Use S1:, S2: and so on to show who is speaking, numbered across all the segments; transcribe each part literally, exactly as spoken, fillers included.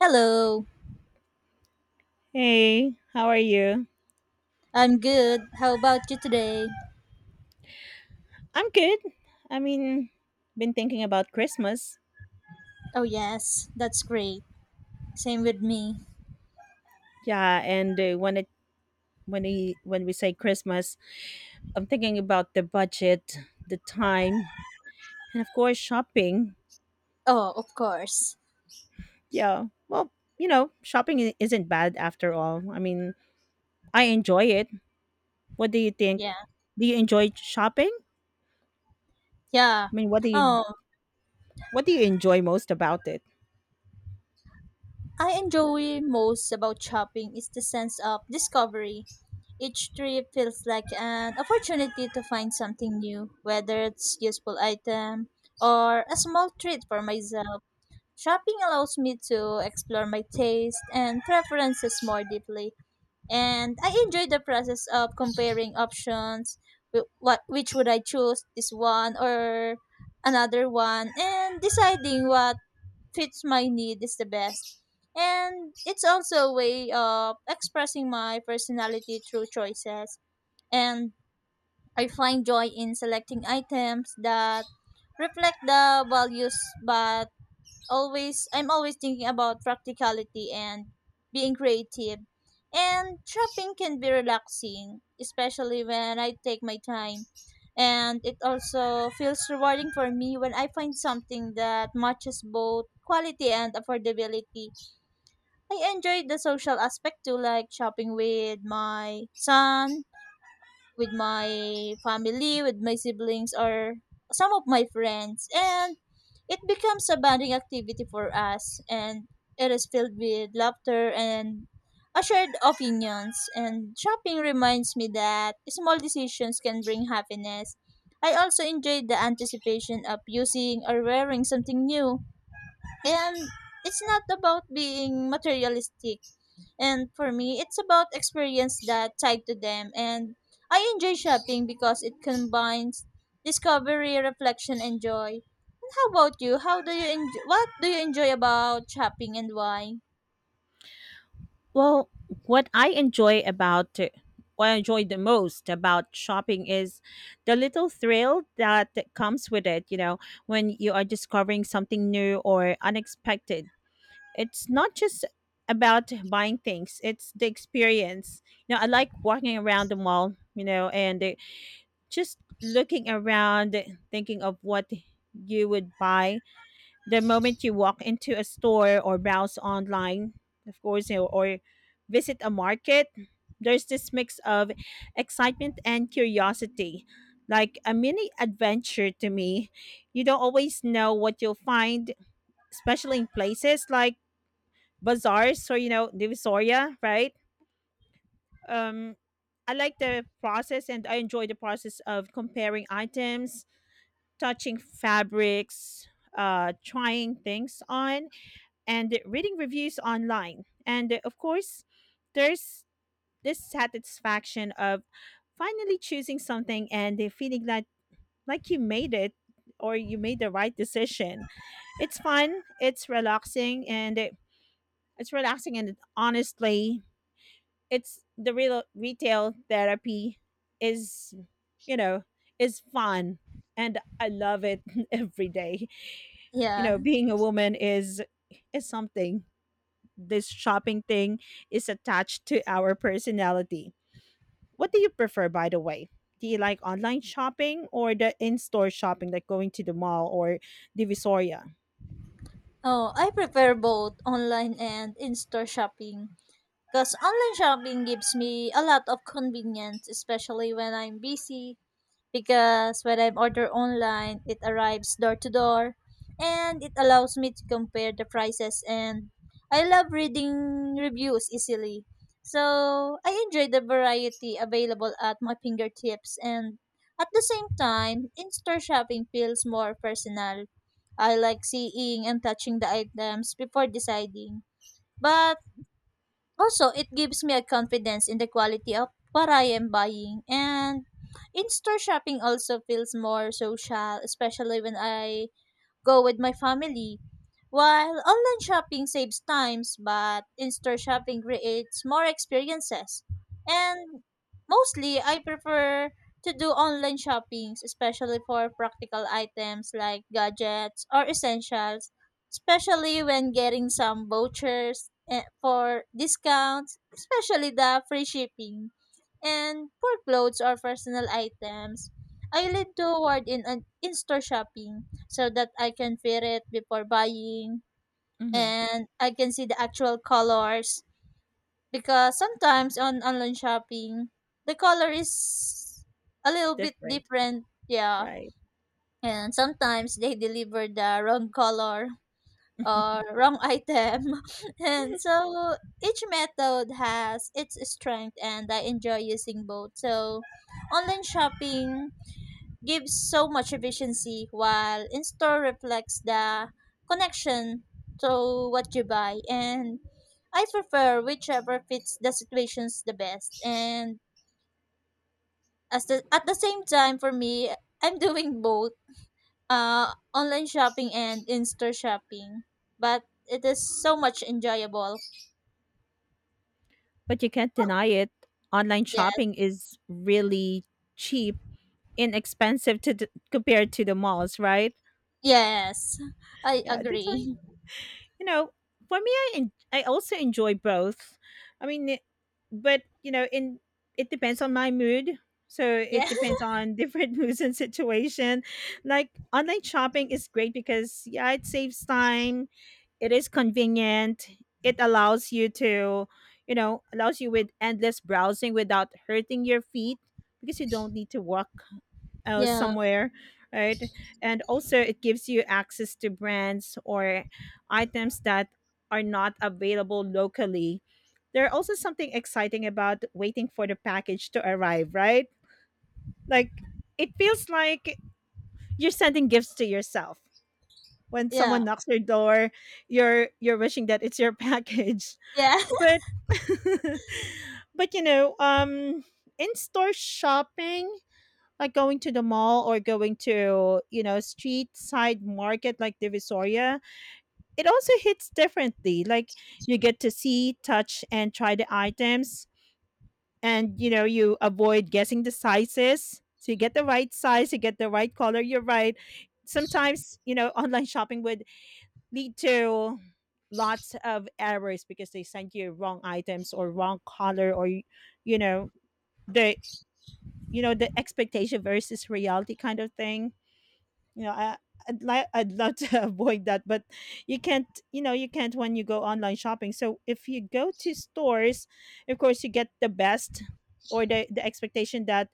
S1: Hello,
S2: Hey, how are you?
S1: I'm good. How about you today?
S2: I'm good. I mean, been thinking about Christmas.
S1: Oh, yes, that's great. Same with me.
S2: Yeah, and uh, when it when we when we say Christmas, I'm thinking about the budget, the time, and of course shopping.
S1: Oh, of course.
S2: Yeah. Well, you know, shopping i- isn't bad after all. I mean, I enjoy it. What do you think?
S1: Yeah,
S2: Do you enjoy shopping?
S1: yeah.
S2: I mean, what do you
S1: Oh,
S2: What do you enjoy most about it?
S1: I enjoy most about shopping is the sense of discovery. Each trip feels like an opportunity to find something new, whether it's useful item or a small treat for myself. Shopping allows me to explore my taste and preferences more deeply, and I enjoy the process of comparing options. wh- What which would I choose? This one or another one, and deciding what fits my need is the best. And it's also a way of expressing my personality through choices. And I find joy in selecting items that reflect the values, but always I'm always thinking about practicality and being creative. And shopping can be relaxing, especially when I take my time. And it also feels rewarding for me when I find something that matches both quality and affordability. I enjoy the social aspect too, like shopping with my son, with my family, with my siblings, or some of my friends. And it becomes a bonding activity for us, and it is filled with laughter and a shared opinions. And shopping reminds me that small decisions can bring happiness. I also enjoyed the anticipation of using or wearing something new. And it's not about being materialistic. And for me, it's about experience that tied to them. And I enjoy shopping because it combines discovery, reflection, and joy. And how about you? How do you enjoy? What do you enjoy about shopping and why?
S2: Well, what I enjoy about what I enjoy the most about shopping is the little thrill that comes with it, you know, when you are discovering something new or unexpected. It's not just about buying things, it's the experience. You know, I like walking around the mall, you know, and uh, just looking around, thinking of what you would buy the moment you walk into a store or browse online, of course, you know, or visit a market, there's this mix of excitement and curiosity, like a mini adventure to me. You don't always know what you'll find, especially in places like bazaars or, you know, Divisoria, right? Um, I like the process and I enjoy the process of comparing items, touching fabrics, uh, trying things on and reading reviews online. And uh, of course, there's this satisfaction of finally choosing something and the feeling that like you made it or you made the right decision. It's fun, it's relaxing and it, it's relaxing and it, honestly, it's the real retail therapy is you know, is fun and I love it every day. You
S1: Yeah.
S2: know, being a woman is is something this shopping thing is attached to our personality. What do you prefer, by the way? Do you like online shopping or the in store shopping, like going to the mall or Divisoria?
S1: Oh, I prefer both online and in-store shopping. Because online shopping gives me a lot of convenience, especially when I'm busy because when I order online, it arrives door to door and it allows me to compare the prices and I love reading reviews easily. So, I enjoy the variety available at my fingertips, and at the same time, in-store shopping feels more personal. I like seeing and touching the items before deciding. But also, it gives me a confidence in the quality of what I am buying. And in store shopping also feels more social, especially when I go with my family. While online shopping saves times, but in-store shopping creates more experiences. And mostly, I prefer to do online shoppings, especially for practical items like gadgets or essentials, especially when getting some vouchers eh, for discounts, especially the free shipping and poor clothes or personal items. I lean toward in an in-store shopping so that I can feel it before buying
S2: Mm-hmm.
S1: and I can see the actual colors because sometimes on online shopping the color is a little bit
S2: Different.
S1: different, yeah.
S2: Right.
S1: And sometimes they deliver the wrong color or wrong item. And so each method has its strength and I enjoy using both. So online shopping gives so much efficiency while in-store reflects the connection to what you buy, and I prefer whichever fits the situations the best, and as the, at the same time for me I'm doing both uh, online shopping and in-store shopping, but it is so much enjoyable.
S2: But you can't
S1: Oh.
S2: deny it. Online
S1: Yes,
S2: shopping is really cheap, inexpensive to d- compared to the malls, right?
S1: yes, I
S2: Yeah, that's why
S1: agree.
S2: you know. For me, I en- I also enjoy both. I mean, it- but you know, in it depends on my mood. So
S1: Yeah,
S2: it depends on different moods and situation. Like online shopping is great because yeah, it saves time. It is convenient. It allows you to, you know, allows you with endless browsing without hurting your feet because you don't need to walk uh,
S1: yeah,
S2: somewhere, right? And also, it gives you access to brands or items that are not available locally. There are also something exciting about waiting for the package to arrive, right? Like, it feels like you're sending gifts to yourself. When
S1: yeah,
S2: someone knocks your door, you're you're wishing that it's your package.
S1: yeah,
S2: But but you know, um in-store shopping, like going to the mall or going to, you know, street side market like Divisoria, it also hits differently. Like, you get to see, touch and try the items, and you know, you avoid guessing the sizes, so you get the right size, you get the right color, you're right. Sometimes, you know, online shopping would lead to lots of errors because they send you wrong items or wrong color, or y- you know, the you know, the expectation versus reality kind of thing. you know I, I'd like, I'd love to avoid that, but you can't, you know, you can't when you go online shopping. So if you go to stores, of course you get the best, or the the expectation that,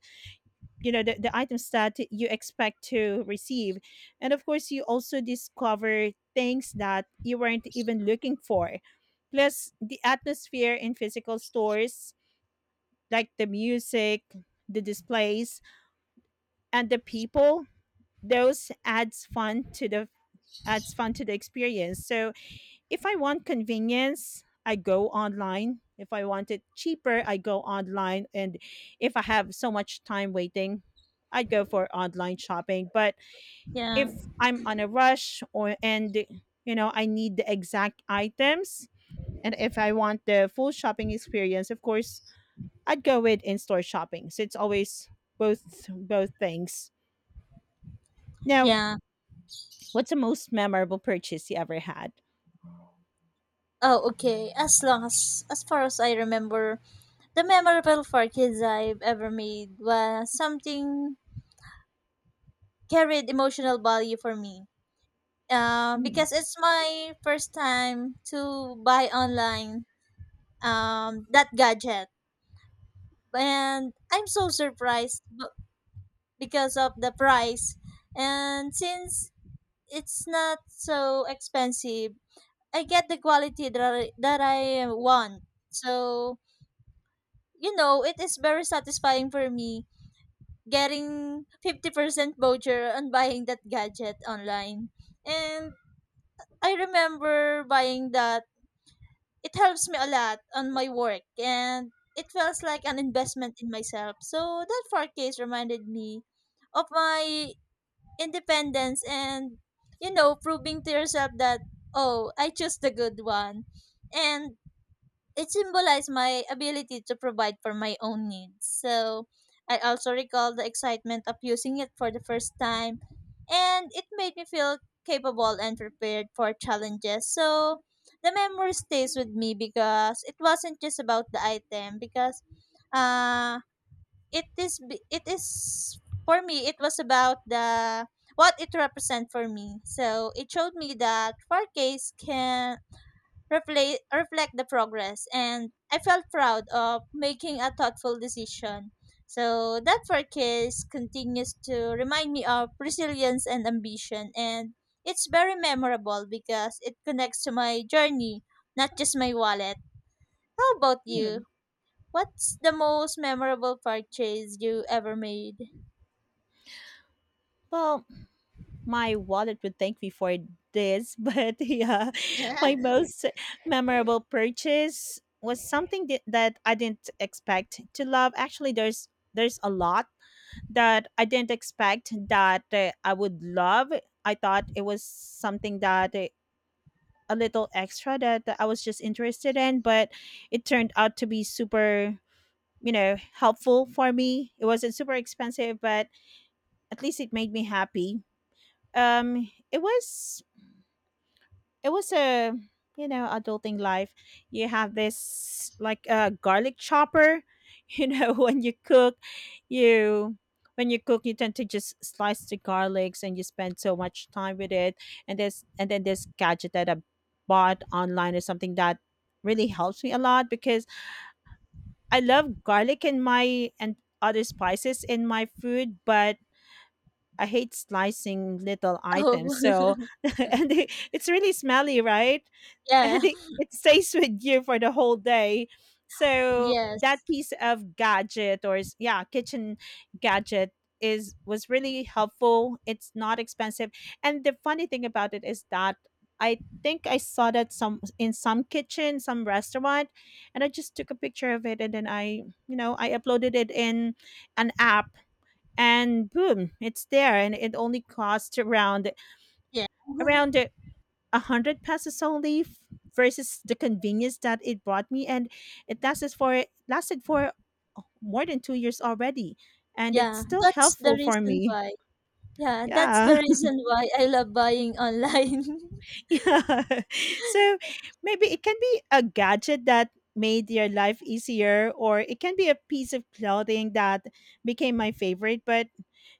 S2: you know, the, the items that you expect to receive. And of course you also discover things that you weren't even looking for, plus the atmosphere in physical stores like the music, the displays and the people. Those adds fun to the adds fun to the experience. So if I want convenience, I go online. If I want it cheaper, I go online. And if I have so much time waiting, I go for online shopping. But
S1: yeah,
S2: if I'm on a rush, or and you know, I need the exact items, and if I want the full shopping experience, of course, I'd go with in-store shopping. So it's always both both things. Now,
S1: yeah.
S2: what's the most memorable purchase you ever had?
S1: Oh, okay. As long as, as far as I remember, the memorable for kids I've ever made was something carried emotional value for me. Uh,
S2: Mm,
S1: because it's my first time to buy online um that gadget, and I'm so surprised b- because of the price. And since it's not so expensive, I get the quality that I, that I want. So, you know, it is very satisfying for me getting fifty percent voucher on buying that gadget online. And I remember buying that it helps me a lot on my work and it feels like an investment in myself. So that four case reminded me of my independence, and you know proving to yourself that, "Oh, I chose the good one." And it symbolized my ability to provide for my own needs. So I also recall the excitement of using it for the first time, and it made me feel capable and prepared for challenges. So the memory stays with me because it wasn't just about the item, because uh, it is b- it is for me it was about the what it represent for me. So it showed me that forecast can reflect, reflect the progress, and I felt proud of making a thoughtful decision. So that forecast continues to remind me of resilience and ambition, and it's very memorable because it connects to my journey, not just my wallet. How about you?
S2: mm.
S1: What's the most memorable purchase you ever made?
S2: Well, my wallet would thank me for this, but yeah, my most memorable purchase was something that that I didn't expect to love. Actually, there's there's a lot that I didn't expect that uh, I would love. I thought it was something that uh, a little extra that I was just interested in, but it turned out to be super, you know, helpful for me. It wasn't super expensive, but at least it made me happy. Um, it was it was a, you know, adulting life. You have this like a garlic chopper. You know, when you cook, you when you cook, you tend to just slice the garlics, and you spend so much time with it. And there's and then this gadget that I bought online or something, that really helps me a lot because I love garlic in my and other spices in my food, but I hate slicing little
S1: Oh,
S2: items. So, and it- it's really smelly, right? And
S1: yeah,
S2: it, it stays with you for the whole day. So that
S1: yes,
S2: piece of gadget or s- yeah, kitchen gadget is was really helpful. It's not expensive. And the funny thing about it is that I think I saw that some in some kitchen, some restaurant, and I just took a picture of it, and then I, you know, I uploaded it in an app, and boom, it's there. And it only cost around
S1: yeah,
S2: around a hundred pesos only f- versus the convenience that it brought me. And it lasted for lasted for more than two years already, and it's
S1: yeah.
S2: still
S1: That's the
S2: helpful for
S1: reason
S2: me,
S1: why. Yeah, that's the
S2: yeah.
S1: reason why I love buying online.
S2: Yeah. So maybe it can be a gadget that made your life easier, or it can be a piece of clothing that became my favorite. But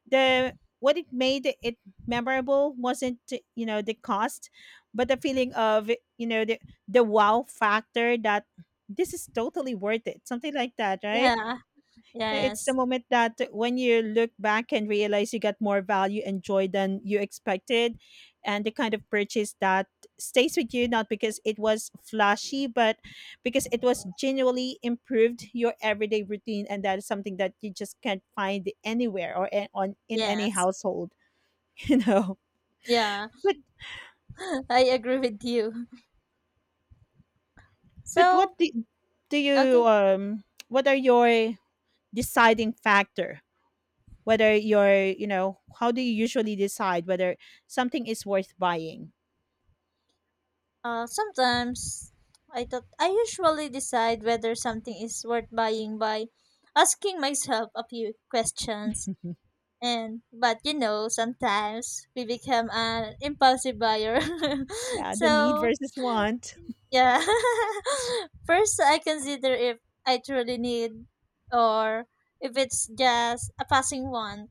S2: the what it made it memorable wasn't, you know, the cost, but the feeling of, you know, the the wow factor that this is totally worth it, something like that, right?
S1: Yeah,
S2: Yeah, it's the
S1: yes,
S2: moment that when you look back and realize you got more value and joy than you expected, and the kind of purchase that stays with you, not because it was flashy, but because it was genuinely improved your everyday routine. And that is something that you just can't find anywhere or a- on in any
S1: yes,
S2: household, you know.
S1: yeah,
S2: But
S1: I agree with you.
S2: but
S1: So,
S2: what do, do
S1: okay,
S2: you, um what are your deciding factor whether you're, you know, how do you usually decide whether something is worth buying?
S1: uh, sometimes I thought I usually decide whether something is worth buying by asking myself a few questions. And but you know, sometimes we become an impulsive buyer.
S2: Yeah, the need
S1: So
S2: versus want.
S1: yeah. First, I consider if I truly need, or if it's just a passing one.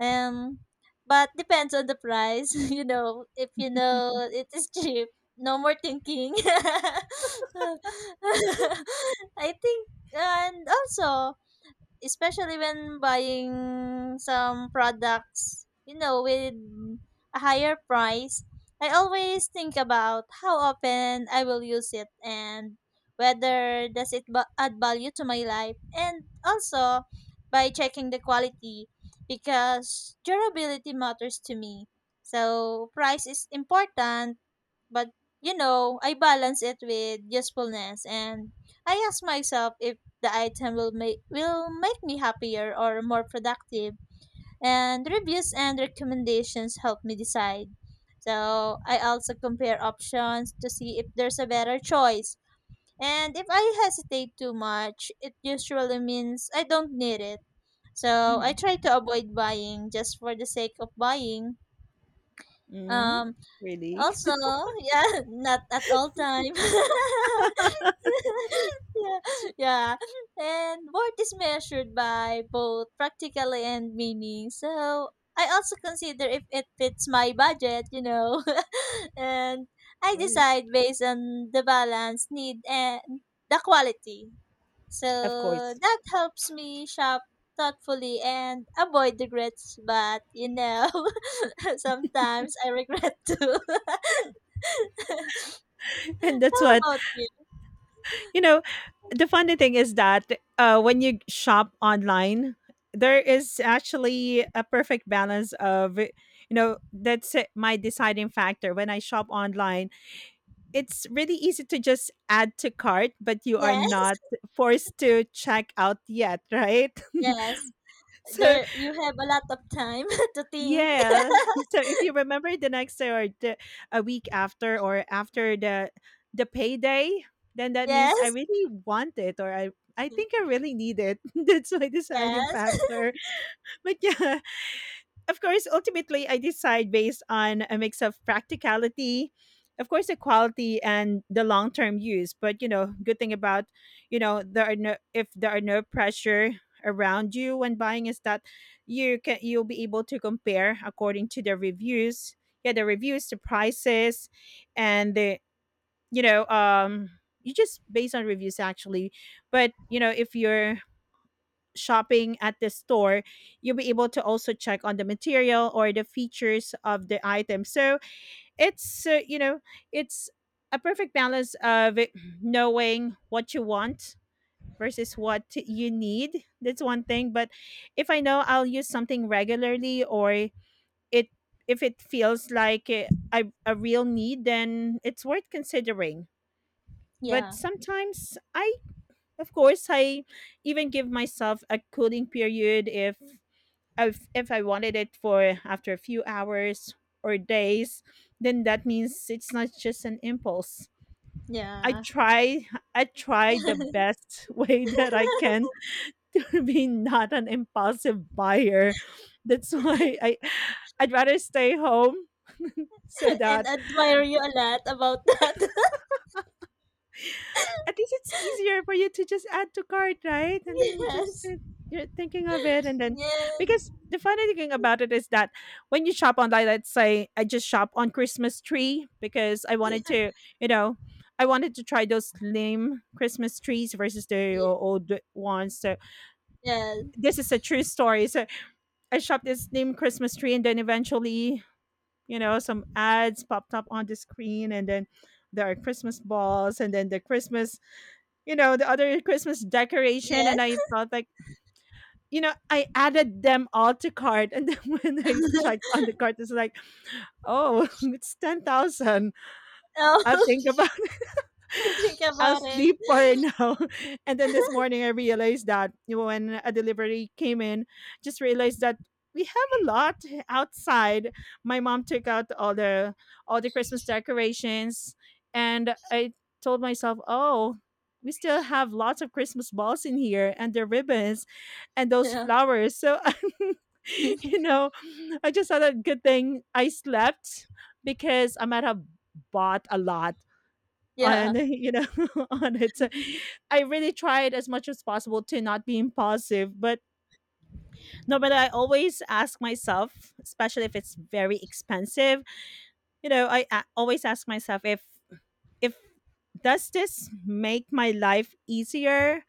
S1: Um, but depends on the price. You know, if you know it is cheap, no more thinking. I think, and also, especially when buying some products, you know, with a higher price, I always think about how often I will use it and whether does it ba- add value to my life, and also by checking the quality because durability matters to me. So price is important, but you know, I balance it with usefulness, and I ask myself if the item will make will make me happier or more productive. And reviews and recommendations help me decide. So I also compare options to see if there's a better choice. And if I hesitate too much, it usually means I don't need it. So I
S2: Hmm.
S1: try to avoid buying just for the sake of buying.
S2: Mm.
S1: Um,
S2: Really.
S1: Also, yeah, not at all time. Yeah, yeah. And worth is measured by both practically and meaning. So I also consider if it fits my budget, you know. And I
S2: Course.
S1: decide based on the balance, need, and the quality.
S2: Of
S1: So
S2: course.
S1: that helps me shop thoughtfully and avoid regrets. But you know, sometimes I regret too.
S2: And that's
S1: How
S2: what,
S1: about you?
S2: you know, the funny thing is that uh, when you shop online, there is actually a perfect balance of, you know, that's it, my deciding factor. When I shop online, it's really easy to just add to cart, but you are
S1: Yes,
S2: not forced to check out yet, right?
S1: yes.
S2: So
S1: There you have a lot of time to think.
S2: yeah, so if you remember the next day or the, a week after, or after the the payday, then that means I
S1: Yes.
S2: really want it, or I I think I really need it. That's my deciding
S1: Yes.
S2: factor. But yeah, of course, ultimately, I decide based on a mix of practicality, of course, the quality and the long term use. But you know, good thing about, you know, there are no if there are no pressure around you when buying, is that you can you'll be able to compare according to the reviews. Yeah, the reviews, the prices, and the you know, um you just based on reviews actually. But you know, if you're shopping at the store, you'll be able to also check on the material or the features of the item. So it's, uh, you know, it's a perfect balance of it, knowing what you want versus what you need. That's one thing. But if I know I'll use something regularly, or it, if it feels like a, a a real need, then it's worth considering. But
S1: Yeah.
S2: sometimes I, of course, I even give myself a cooling period. If if, if I wanted it for after a few hours or days, then that means it's not just an impulse. I
S1: Yeah.
S2: try I try the best way that I can to be not an impulsive buyer. That's why I I'd rather stay home so
S1: And
S2: that
S1: admire you a lot about that.
S2: at least it's easier for you to just add to cart, right? And then you just,
S1: Yes.
S2: uh, you're thinking of it, and then,
S1: Yeah.
S2: because the funny thing about it is that when you shop online, let's say I just shop on Christmas tree because I wanted to, you know, I wanted to try those slim Christmas trees versus the
S1: Ye-
S2: o- old ones. So
S1: Yes.
S2: this is a true story. So I shopped this slim Christmas tree, and then eventually, you know, some ads popped up on the screen, and then there are Christmas balls, and then the Christmas you know, the other Christmas decoration,
S1: Yes.
S2: and I felt like, you know, I added them all to cart, and then when I checked on the cart, it's like, oh, it's ten thousand. I'll
S1: Oh,
S2: think about
S1: think
S2: I'll
S1: about it.
S2: sleep for now. And then this morning, I realized that when a delivery came in, just realized that we have a lot outside. My mom took out all the all the Christmas decorations, and I told myself, "Oh, we still have lots of Christmas balls in here, and the ribbons, and those
S1: Yeah.
S2: flowers." So, you know, I just thought a good thing I slept because I might have bought a lot
S1: Yeah.
S2: on you know on it. So I really tried as much as possible to not be impulsive, but no, but I always ask myself, especially if it's very expensive, you know, i a- always ask myself if if does this make my life easier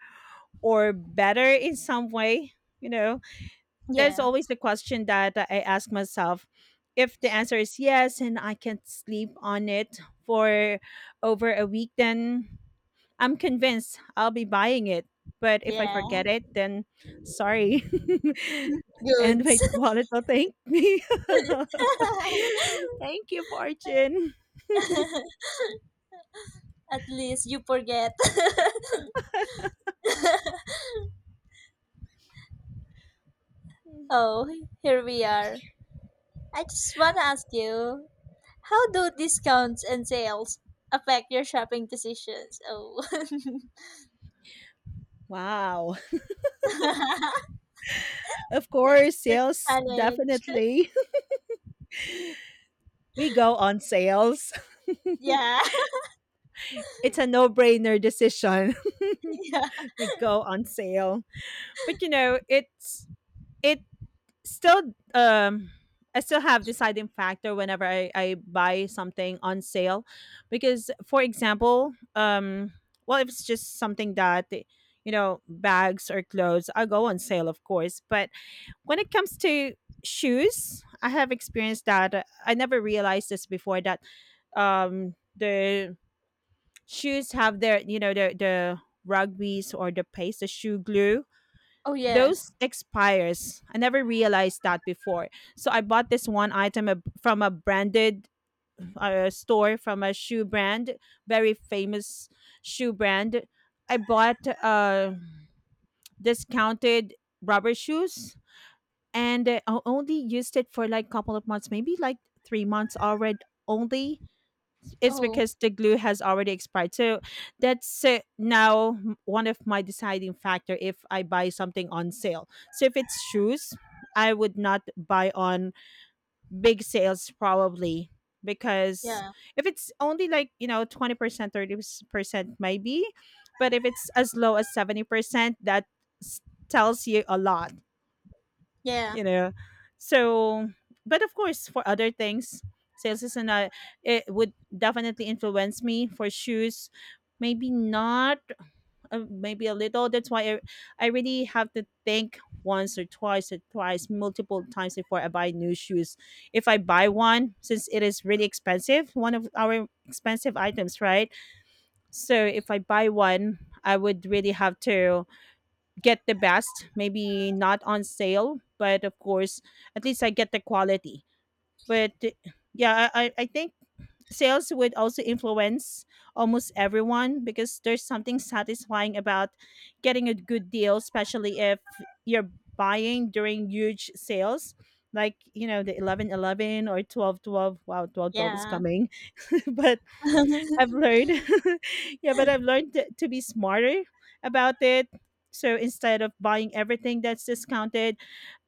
S2: or better in some way, you know. There's
S1: Yeah.
S2: always the question that I ask myself. If the answer is yes and I can sleep on it for over a week, then I'm convinced I'll be buying it, but if I
S1: Yeah.
S2: forget it, then sorry. And my
S1: Goods.
S2: wallet will thank me. Thank you, Fortune.
S1: At least you forget. Oh, here we are. I just want to ask you, how do discounts and sales affect your shopping decisions? Oh,
S2: Wow. Of
S1: it's
S2: course,
S1: the
S2: sales
S1: challenge.
S2: definitely. We go on sales.
S1: Yeah.
S2: It's a no-brainer decision.
S1: Yeah.
S2: We go on sale. But you know, it's it still um I still have deciding factor whenever I, I buy something on sale. Because for example, um well, if it's just something that, you know, bags or clothes, I go on sale of course. But when it comes to shoes, I have experienced that, uh, I never realized this before that um the shoes have their, you know, the the rugbies or the paste, the shoe glue,
S1: Oh, yes.
S2: those expires. I never realized that before. So I bought this one item ab- from a branded uh, store, from a shoe brand, very famous shoe brand. I bought uh, discounted rubber shoes and I only used it for like couple of months, maybe like three months already only. It's
S1: Oh,
S2: because the glue has already expired. So that's uh, now m- one of my deciding factor if I buy something on sale. So if it's shoes, I would not buy on big sales probably, because
S1: yeah.
S2: if it's only like, you know, twenty percent, thirty percent maybe, but if it's as low as seventy percent, that s- tells you a lot,
S1: Yeah.
S2: you know. So but of course for other things, sales is another, it would definitely influence me. For shoes, maybe not, uh, maybe a little. That's why I, I really have to think once or twice or twice multiple times before I buy new shoes. If I buy one, since it is really expensive, one of our expensive items, right? So if I buy one, I would really have to get the best, maybe not on sale, but of course, at least I get the quality. But uh, yeah, I, I I think sales would also influence almost everyone, because there's something satisfying about getting a good deal, especially if you're buying during huge sales. Like, you know, the eleven eleven or twelve twelve. Wow, twelve twelve is
S1: Yeah.
S2: coming. But I've learned. Yeah, but I've learned to, to be smarter about it. So instead of buying everything that's discounted,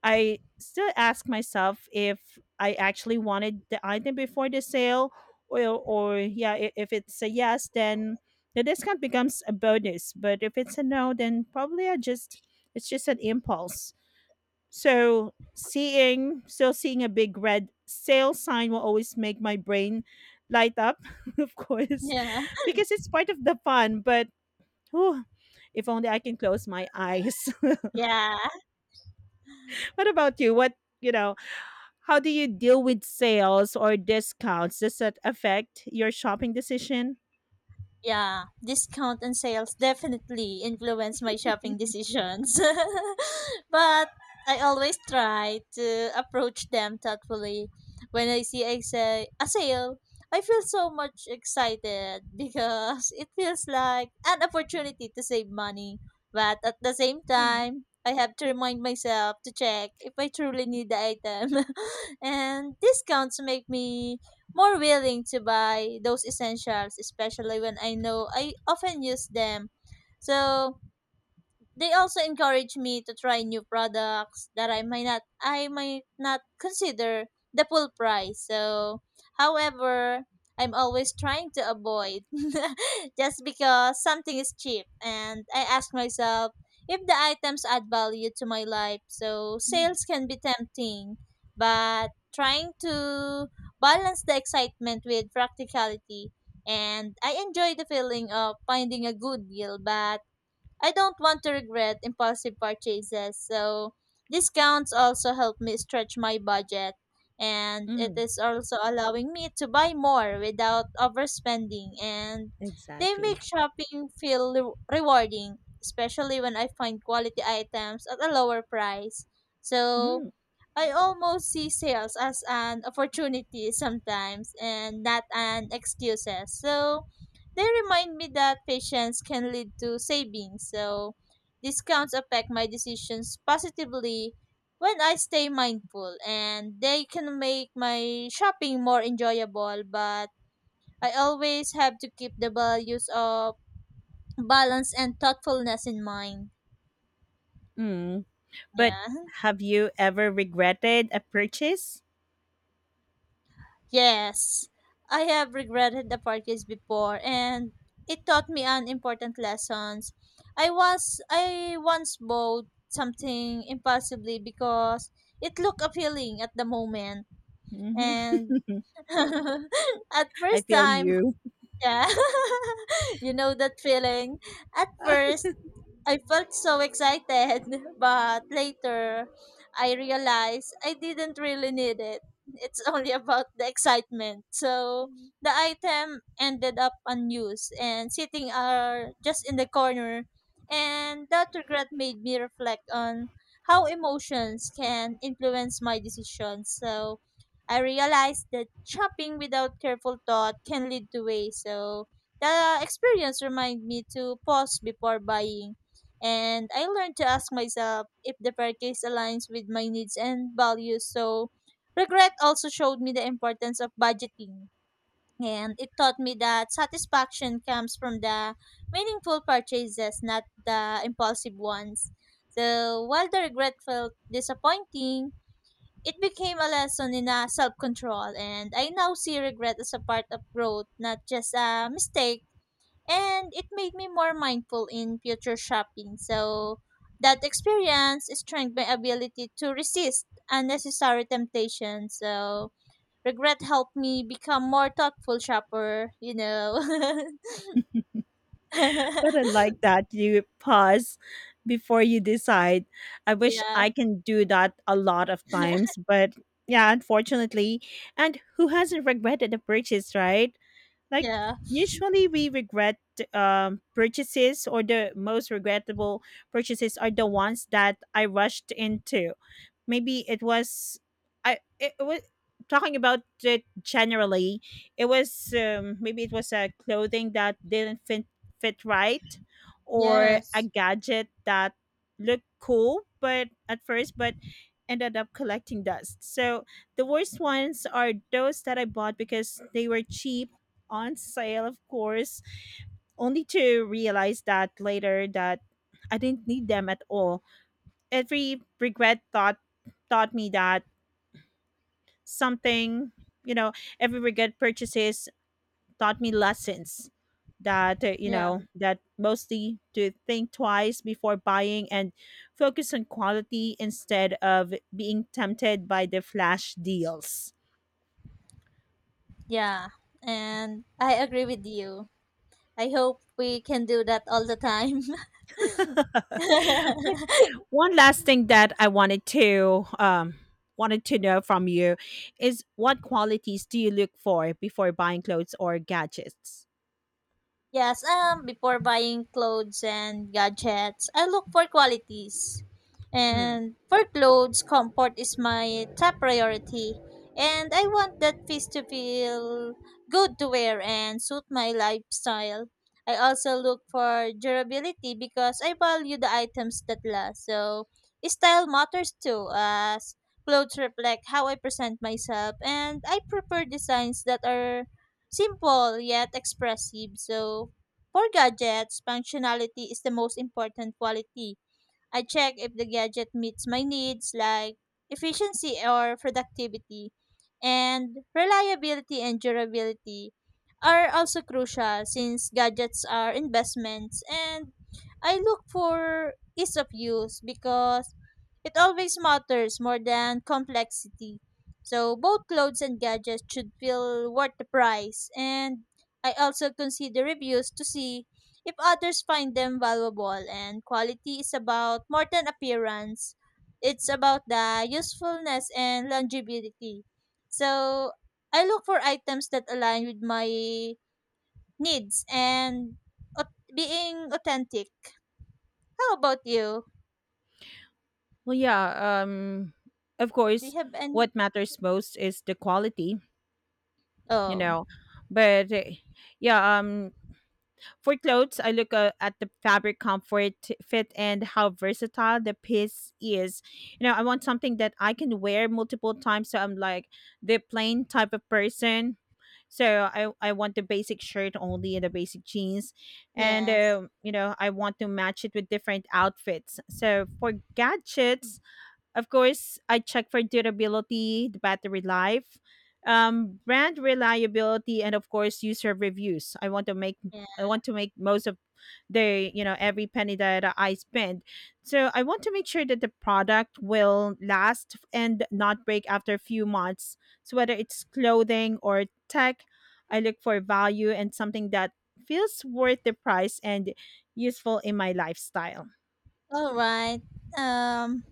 S2: I still ask myself if I actually wanted the item before the sale. Or or yeah, i- if it's a yes, then the discount becomes a bonus, but if it's a no, then probably I just it's just an impulse. So seeing still seeing a big red sale sign will always make my brain light up, of course,
S1: Yeah.
S2: because it's part of the fun. But whew, if only I can close my eyes.
S1: Yeah.
S2: What about you? What, you know, how do you deal with sales or discounts? Does that affect your shopping decision?
S1: Yeah, discount and sales definitely influence my shopping decisions. But I always try to approach them thoughtfully. When I see a, sa- a sale, I feel so much excited because it feels like an opportunity to save money. But at the same
S2: Mhm.
S1: time, I have to remind myself to check if I truly need the item. And discounts make me more willing to buy those essentials, especially when I know I often use them. So they also encourage me to try new products that I might not I might not consider the full price. So, however, I'm always trying to avoid just because something is cheap, and I ask myself if the items add value to my life. So,
S2: Mm.
S1: sales can be tempting, but trying to balance the excitement with practicality, and I enjoy the feeling of finding a good deal, but I don't want to regret impulsive purchases, so discounts also help me stretch my budget, and it
S2: Hmm.
S1: is also allowing me to buy more without overspending, and they make
S2: Exactly.
S1: shopping feel re- rewarding, especially when I find quality items at a lower price. So
S2: Mm.
S1: I almost see sales as an opportunity sometimes and not an excuses. So they remind me that patience can lead to savings. So discounts affect my decisions positively when I stay mindful, and they can make my shopping more enjoyable, but I always have to keep the values of balance and thoughtfulness in mind.
S2: Mm.
S1: Yeah.
S2: But have you ever regretted a purchase?
S1: Yes, I have regretted the parties before, and it taught me an important lessons. I was I once bought something impulsively because it looked appealing at the moment,
S2: Hmm.
S1: and at
S2: I
S1: first
S2: feel
S1: time,
S2: you.
S1: yeah, you know that feeling. At first, I felt so excited, but later I realized I didn't really need it. It's only about the excitement. So the item ended up unused and sitting uh, just in the corner. And that regret made me reflect on how emotions can influence my decisions. So I realized that shopping without careful thought can lead to waste. So the experience reminded me to pause before buying and I learned to ask myself if the purchase aligns with my needs and values. So, regret also showed me the importance of budgeting. And it taught me that satisfaction comes from the meaningful purchases, not the impulsive ones. So, while the regret felt disappointing, it became a lesson in uh, self control. And I now see regret as a part of growth, not just a mistake, and it made me more mindful in future shopping. So that experience strengthened my ability to resist unnecessary temptations. So regret helped me become more thoughtful shopper, you know.
S2: But I like that you pause before you decide. I wish
S1: Yeah.
S2: I can do that a lot of times, but yeah, unfortunately. And who hasn't regretted a purchase, right? Like
S1: Yeah.
S2: usually we regret um, purchases. Or the most regrettable purchases are the ones that I rushed into. Maybe it was, i it, it was, talking about it generally, it was, um, maybe it was a clothing that didn't fit fit right, or a
S1: Yes.
S2: gadget that looked cool but at first, but ended up collecting dust. So the worst ones are those that I bought because they were cheap, on sale of course, only to realize that later that I didn't need them at all. Every regret thought taught me that something you know Every regret purchases taught me lessons, that uh, you
S1: Yeah.
S2: know, that mostly to think twice before buying and focus on quality instead of being tempted by the flash deals.
S1: Yeah. And I agree with you. I hope we can do that all the time.
S2: But one last thing that I wanted to um, wanted to know from you is, what qualities do you look for before buying clothes or gadgets?
S1: Yes, um, before buying clothes and gadgets, I look for qualities.
S2: Mm.
S1: And for clothes, comfort is my top priority. And I want that piece to feel good to wear and suit my lifestyle. I also look for durability because I value the items that last. So, style matters too, as clothes reflect how I present myself, and I prefer designs that are simple yet expressive. So for gadgets, functionality is the most important quality. I check if the gadget meets my needs, like efficiency or productivity, and reliability and durability are also crucial since gadgets are investments, and I look for ease of use because it always matters more than complexity. So both clothes and gadgets should feel worth the price, and I also consider reviews to see if others find them valuable, and quality is about more than appearance. It's about the usefulness and longevity. So I look for items that align with my needs and au- being authentic. How about you?
S2: Well, yeah. Um, of
S1: Do you
S2: course,
S1: have any?
S2: what matters most is the quality, you
S1: Oh,
S2: know. But eh, yeah, um, for clothes, I look uh, at the fabric comfort, fit, and how versatile the piece is. You know, I want something that I can wear multiple times. So I'm like the plain type of person. So I, I want the basic shirt only and the basic jeans. And,
S1: yes,
S2: um, you know, I want to match it with different outfits. So for gadgets, of course, I check for durability, the battery life, um, brand reliability, and of course, user reviews. I want to make I
S1: yeah,
S2: want to make most of the, you know, every penny that I spend. So I want to make sure that the product will last and not break after a few months. So whether it's clothing or tech, I look for value and something that feels worth the price and useful in my lifestyle.
S1: all right. um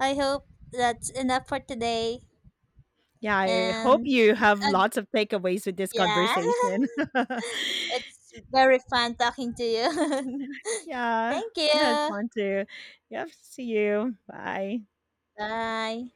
S1: I hope that's enough for today.
S2: Yeah, I hope
S1: And
S2: you have
S1: uh,
S2: lots of takeaways with this
S1: yeah.
S2: conversation.
S1: It's very fun talking to you.
S2: Yeah,
S1: Thank
S2: I had
S1: you.
S2: fun too. Yep, see you. Bye.
S1: Bye.